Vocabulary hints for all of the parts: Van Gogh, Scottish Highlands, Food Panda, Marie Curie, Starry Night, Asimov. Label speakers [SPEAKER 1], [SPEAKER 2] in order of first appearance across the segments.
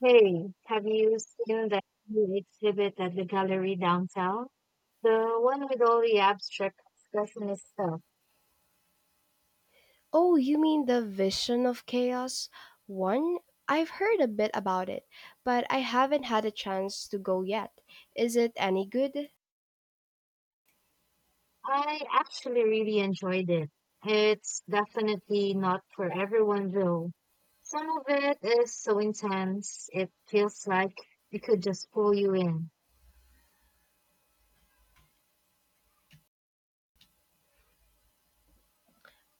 [SPEAKER 1] Hey, have you seen the new exhibit at the gallery downtown? The one with all the abstract expressionist stuff.
[SPEAKER 2] Oh, you mean the Vision of Chaos one? I've heard a bit about it, but I haven't had a chance to go yet. Is it any good?
[SPEAKER 1] I actually really enjoyed it. It's definitely not for everyone though. Some of it is so intense, it feels like it could just pull you in.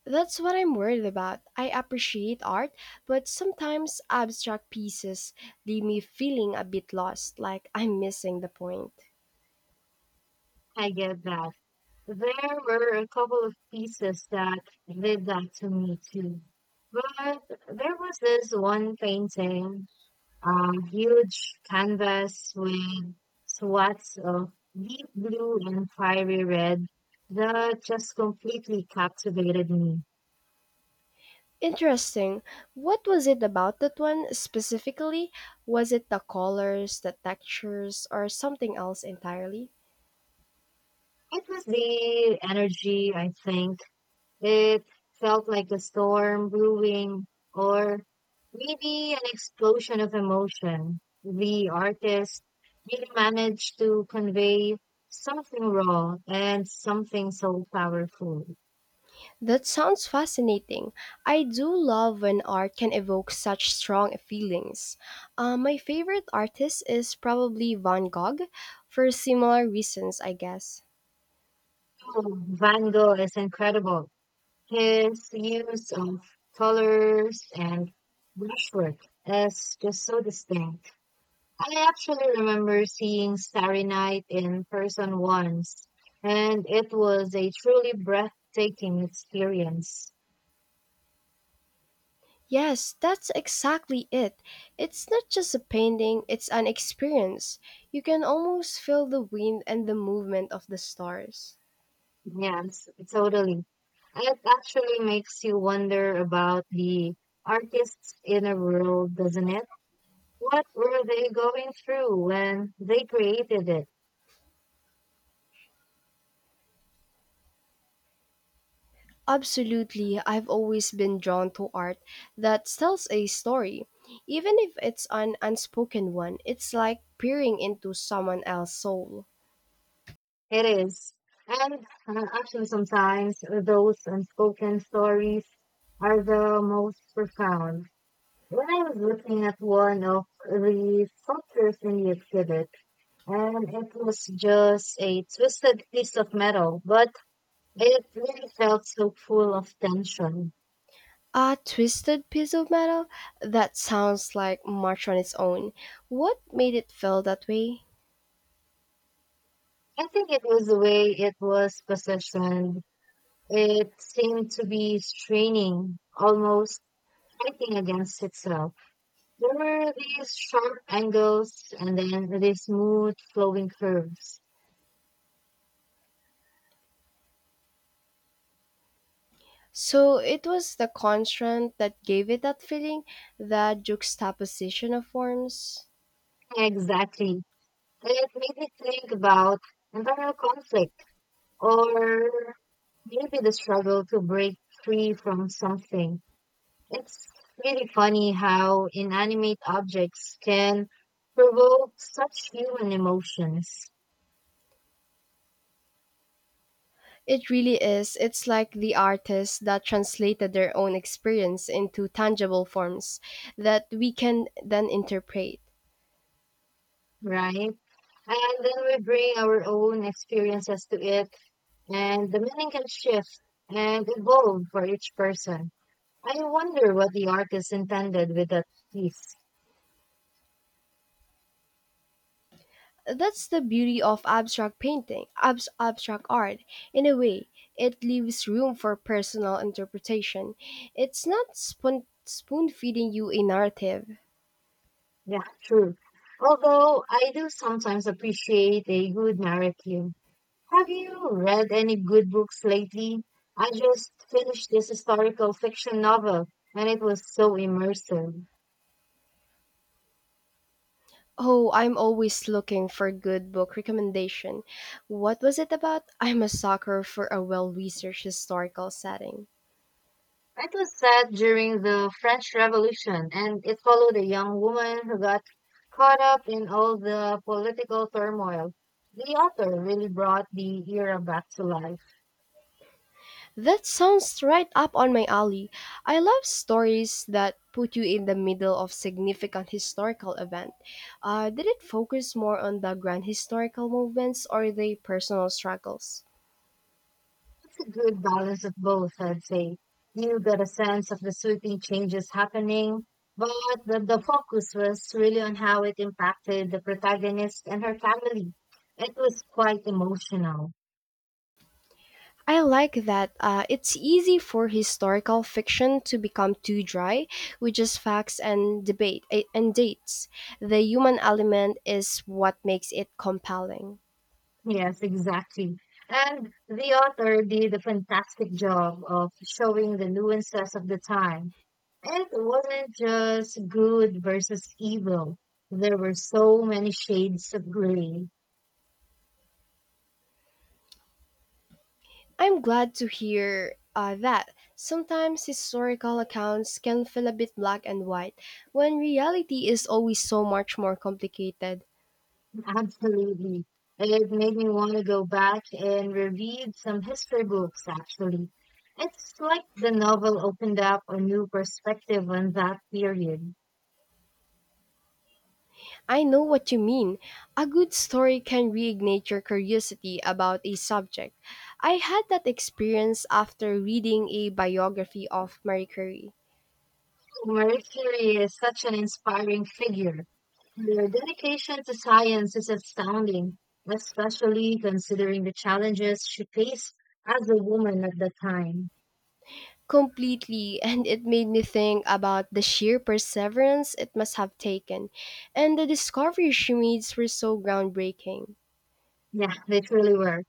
[SPEAKER 2] That's what I'm worried about. I appreciate art, but sometimes abstract pieces leave me feeling a bit lost, like I'm missing the point.
[SPEAKER 1] I get that. There were a couple of pieces that did that to me too. But there was this one painting, a huge canvas with swaths of deep blue and fiery red, that just completely captivated me.
[SPEAKER 2] Interesting. What was it about that one specifically? Was it the colors, the textures, or something else entirely?
[SPEAKER 1] It was the energy, I think. It felt like a storm brewing or maybe an explosion of emotion. The artist really managed to convey something raw and something so powerful.
[SPEAKER 2] That sounds fascinating. I do love when art can evoke such strong feelings. My favorite artist is probably Van Gogh, for similar reasons, I guess.
[SPEAKER 1] Oh, Van Gogh is incredible. His use of colors and brushwork is just so distinct. I actually remember seeing Starry Night in person once, and it was a truly breathtaking experience.
[SPEAKER 2] Yes, that's exactly it. It's not just a painting, it's an experience. You can almost feel the wind and the movement of the stars.
[SPEAKER 1] Yes, totally. It actually makes you wonder about the artist's inner world, doesn't it? What were they going through when they created it?
[SPEAKER 2] Absolutely, I've always been drawn to art that tells a story. Even if it's an unspoken one, it's like peering into someone else's soul.
[SPEAKER 1] It is. And actually, sometimes those unspoken stories are the most profound. When I was looking at one of the sculptures in the exhibit, and it was just a twisted piece of metal, but it really felt so full of tension.
[SPEAKER 2] A twisted piece of metal? That sounds like much on its own. What made it feel that way?
[SPEAKER 1] I think it was the way it was positioned. It seemed to be straining, almost fighting against itself. There were these sharp angles and then these smooth flowing curves.
[SPEAKER 2] So it was the constraint that gave it that feeling, the juxtaposition of forms.
[SPEAKER 1] Exactly. It made me think about internal conflict or maybe the struggle to break free from something. It's really funny how inanimate objects can provoke such human emotions,
[SPEAKER 2] It really is. It's like the artists that translated their own experience into tangible forms that we can then interpret.
[SPEAKER 1] right? And then we bring our own experiences to it, and the meaning can shift and evolve for each person. I wonder what the artist intended with that piece.
[SPEAKER 2] That's the beauty of abstract painting, abstract art. In a way, it leaves room for personal interpretation. It's not spoon feeding you a narrative.
[SPEAKER 1] Yeah, true. Although I do sometimes appreciate a good narrative. Have you read any good books lately? I just finished this historical fiction novel and it was so immersive.
[SPEAKER 2] Oh, I'm always looking for good book recommendation. What was it about? I'm a sucker for a well researched historical setting.
[SPEAKER 1] It was set during the French Revolution and it followed a young woman who got caught up in all the political turmoil. The author really brought the era back to life.
[SPEAKER 2] That sounds right up on my alley. I love stories that put you in the middle of significant historical event. Did it focus more on the grand historical movements or the personal struggles?
[SPEAKER 1] It's a good balance of both, I'd say. You got a sense of the sweeping changes happening, but the focus was really on how it impacted the protagonist and her family. It was quite emotional.
[SPEAKER 2] I like that. It's easy for historical fiction to become too dry, with just facts and debate and dates. The human element is what makes it compelling.
[SPEAKER 1] Yes, exactly. And the author did a fantastic job of showing the nuances of the time. It wasn't just good versus evil. There were so many shades of gray.
[SPEAKER 2] I am glad to hear that. Sometimes historical accounts can feel a bit black and white, when reality is always so much more complicated.
[SPEAKER 1] Absolutely. It made me want to go back and reread some history books, actually. It's like the novel opened up a new perspective on that period.
[SPEAKER 2] I know what you mean. A good story can reignite your curiosity about a subject. I had that experience after reading a biography of Marie Curie.
[SPEAKER 1] Marie Curie is such an inspiring figure. Her dedication to science is astounding, especially considering the challenges she faced as a woman at the time.
[SPEAKER 2] Completely, and it made me think about the sheer perseverance it must have taken, and the discoveries she made were so groundbreaking.
[SPEAKER 1] Yeah, they truly were.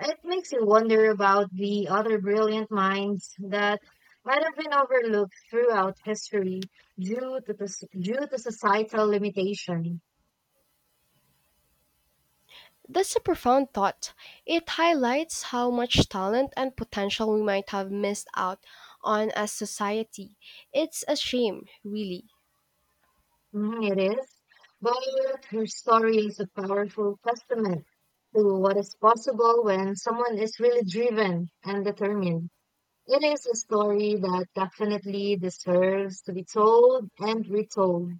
[SPEAKER 1] It makes you wonder about the other brilliant minds that might have been overlooked throughout history due to due to societal limitation.
[SPEAKER 2] That's a profound thought. It highlights how much talent and potential we might have missed out on as society. It's a shame, really.
[SPEAKER 1] Mhm, it is, but her story is a powerful testament to what is possible when someone is really driven and determined. It is a story that definitely deserves to be told and retold.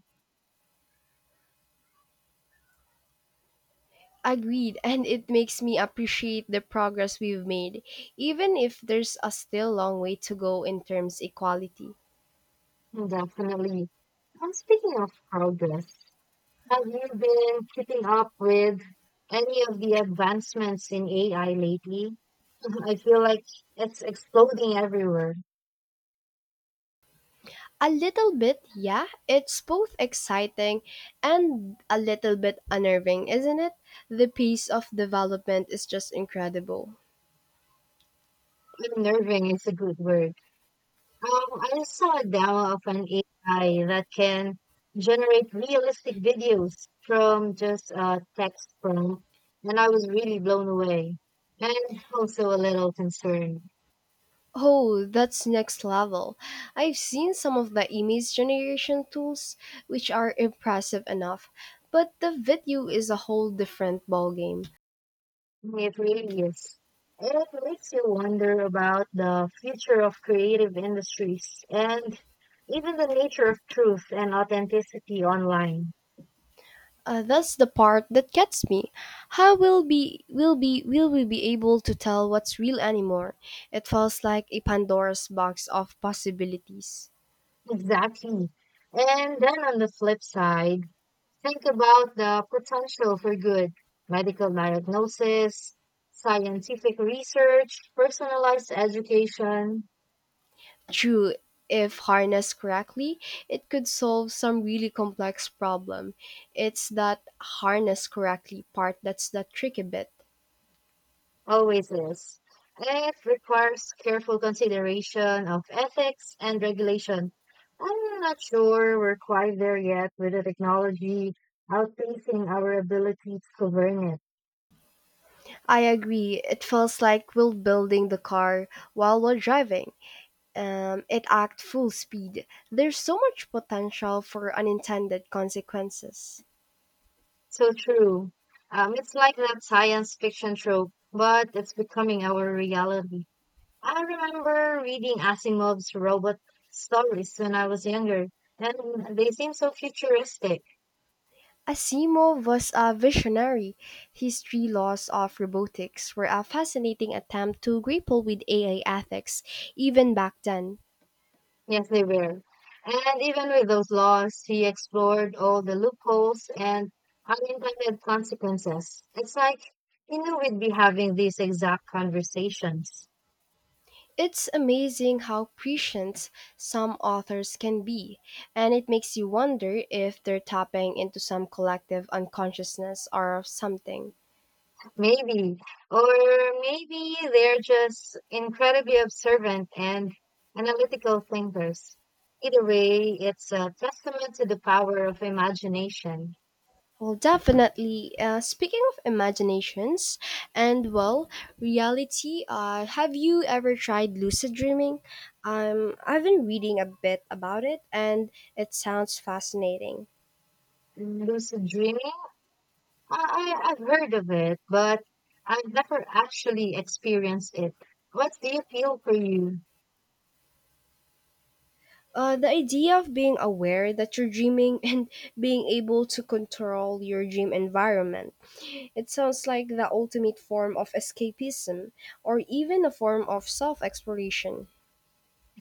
[SPEAKER 2] Agreed, and it makes me appreciate the progress we've made, even if there's a still long way to go in terms equality.
[SPEAKER 1] Definitely. And speaking of progress, have you been keeping up with any of the advancements in AI lately? I feel like it's exploding everywhere.
[SPEAKER 2] A little bit, yeah, it's both exciting and a little bit unnerving, isn't it? The pace of development is just incredible.
[SPEAKER 1] Unnerving is a good word. I saw a demo of an AI that can generate realistic videos from just a text prompt, and I was really blown away and also a little concerned.
[SPEAKER 2] Oh, that's next level. I've seen some of the image generation tools, which are impressive enough, but the video is a whole different ballgame.
[SPEAKER 1] It really is. It makes you wonder about the future of creative industries and even the nature of truth and authenticity online.
[SPEAKER 2] That's the part that gets me. How will we be able to tell what's real anymore? It feels like a Pandora's box of possibilities.
[SPEAKER 1] Exactly. And then on the flip side, think about the potential for good medical diagnosis, scientific research, personalized education.
[SPEAKER 2] True, if harnessed correctly, it could solve some really complex problem. It's that harness correctly part that's the tricky bit.
[SPEAKER 1] Always is. It requires careful consideration of ethics and regulation. I'm not sure we're quite there yet with the technology outpacing our ability to govern it.
[SPEAKER 2] I agree. It feels like we're building the car while we're driving. It acts full speed. There's so much potential for unintended consequences.
[SPEAKER 1] So true. It's like that science fiction trope, but it's becoming our reality. I remember reading Asimov's robot stories when I was younger, and they seem so futuristic.
[SPEAKER 2] Asimov was a visionary. His three laws of robotics were a fascinating attempt to grapple with AI ethics, even back then.
[SPEAKER 1] Yes, they were. And even with those laws, he explored all the loopholes and unintended consequences. It's like he knew we'd be having these exact conversations.
[SPEAKER 2] It's amazing how prescient some authors can be, and it makes you wonder if they're tapping into some collective unconsciousness or something.
[SPEAKER 1] Maybe. Or maybe they're just incredibly observant and analytical thinkers. Either way, it's a testament to the power of imagination.
[SPEAKER 2] Well, definitely. Speaking of imaginations and, well, reality, have you ever tried lucid dreaming? I've been reading a bit about it, and it sounds fascinating.
[SPEAKER 1] Lucid dreaming, I've heard of it, but I've never actually experienced it. What do you feel for you?
[SPEAKER 2] The idea of being aware that you're dreaming and being able to control your dream environment. It sounds like the ultimate form of escapism, or even a form of self exploration.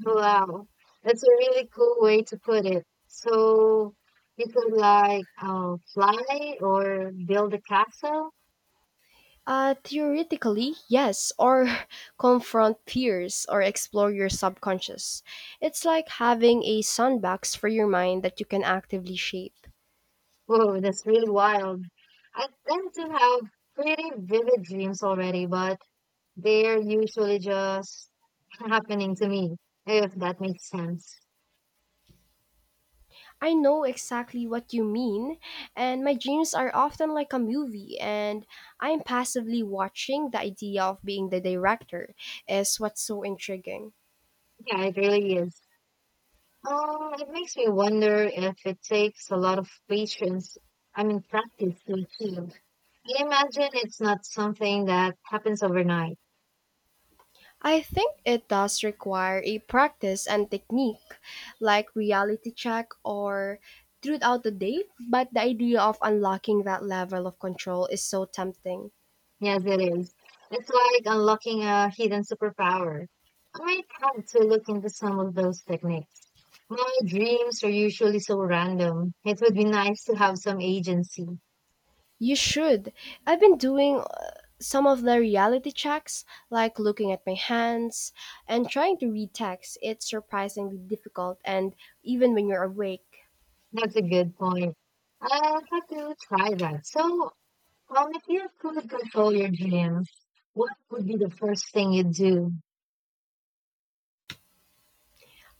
[SPEAKER 1] Wow, that's a really cool way to put it. So you could like fly or build a castle?
[SPEAKER 2] Theoretically, yes, or confront fears or explore your subconscious. It's like having a sandbox for your mind that you can actively shape.
[SPEAKER 1] Whoa, that's really wild. I tend to have pretty vivid dreams already, but they're usually just happening to me, if that makes sense.
[SPEAKER 2] I know exactly what you mean, and my dreams are often like a movie, and I'm passively watching. The idea of being the director is what's so intriguing.
[SPEAKER 1] Yeah, it really is. It makes me wonder if it takes a lot of patience, I mean, practice to achieve. I imagine it's not something that happens overnight.
[SPEAKER 2] I think it does require a practice and technique, like reality check or truth out the date, but the idea of unlocking that level of control is so tempting.
[SPEAKER 1] Yes, it is. It's like unlocking a hidden superpower. I might have to look into some of those techniques. My dreams are usually so random. It would be nice to have some agency.
[SPEAKER 2] You should. I've been doing some of the reality checks, like looking at my hands and trying to read text. It's surprisingly difficult, and even when you're awake.
[SPEAKER 1] That's a good point. I'll have to try that. So, well, if you could control your dreams, what would be the first thing you'd do?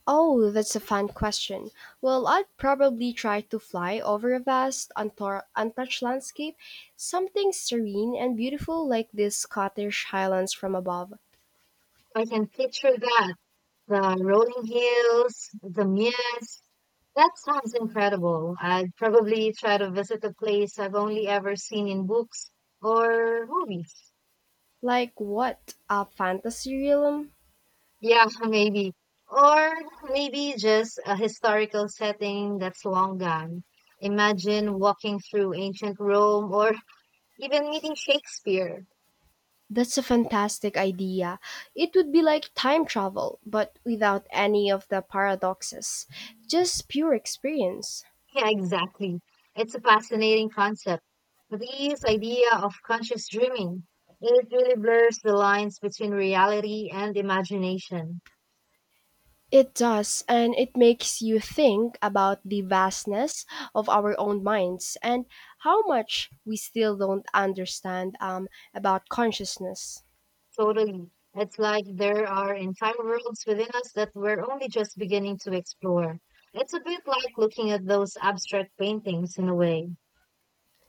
[SPEAKER 2] Oh, that's a fun question. Well, I'd probably try to fly over a vast, untouched landscape, something serene and beautiful like these Scottish Highlands from above.
[SPEAKER 1] I can picture that. The rolling hills, the mist. That sounds incredible. I'd probably try to visit a place I've only ever seen in books or movies.
[SPEAKER 2] Like what? A fantasy realm?
[SPEAKER 1] Yeah, maybe. Or maybe just a historical setting that's long gone. Imagine walking through ancient Rome or even meeting Shakespeare.
[SPEAKER 2] That's a fantastic idea. It would be like time travel, but without any of the paradoxes. Just pure experience.
[SPEAKER 1] Yeah, exactly. It's a fascinating concept. But this idea of conscious dreaming, it really blurs the lines between reality and imagination.
[SPEAKER 2] It does, and it makes you think about the vastness of our own minds and how much we still don't understand about consciousness.
[SPEAKER 1] Totally. It's like there are entire worlds within us that we're only just beginning to explore. It's a bit like looking at those abstract paintings in a way.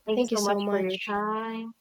[SPEAKER 1] Thank you
[SPEAKER 2] Thank you
[SPEAKER 1] so much
[SPEAKER 2] so
[SPEAKER 1] for your
[SPEAKER 2] much.
[SPEAKER 1] time.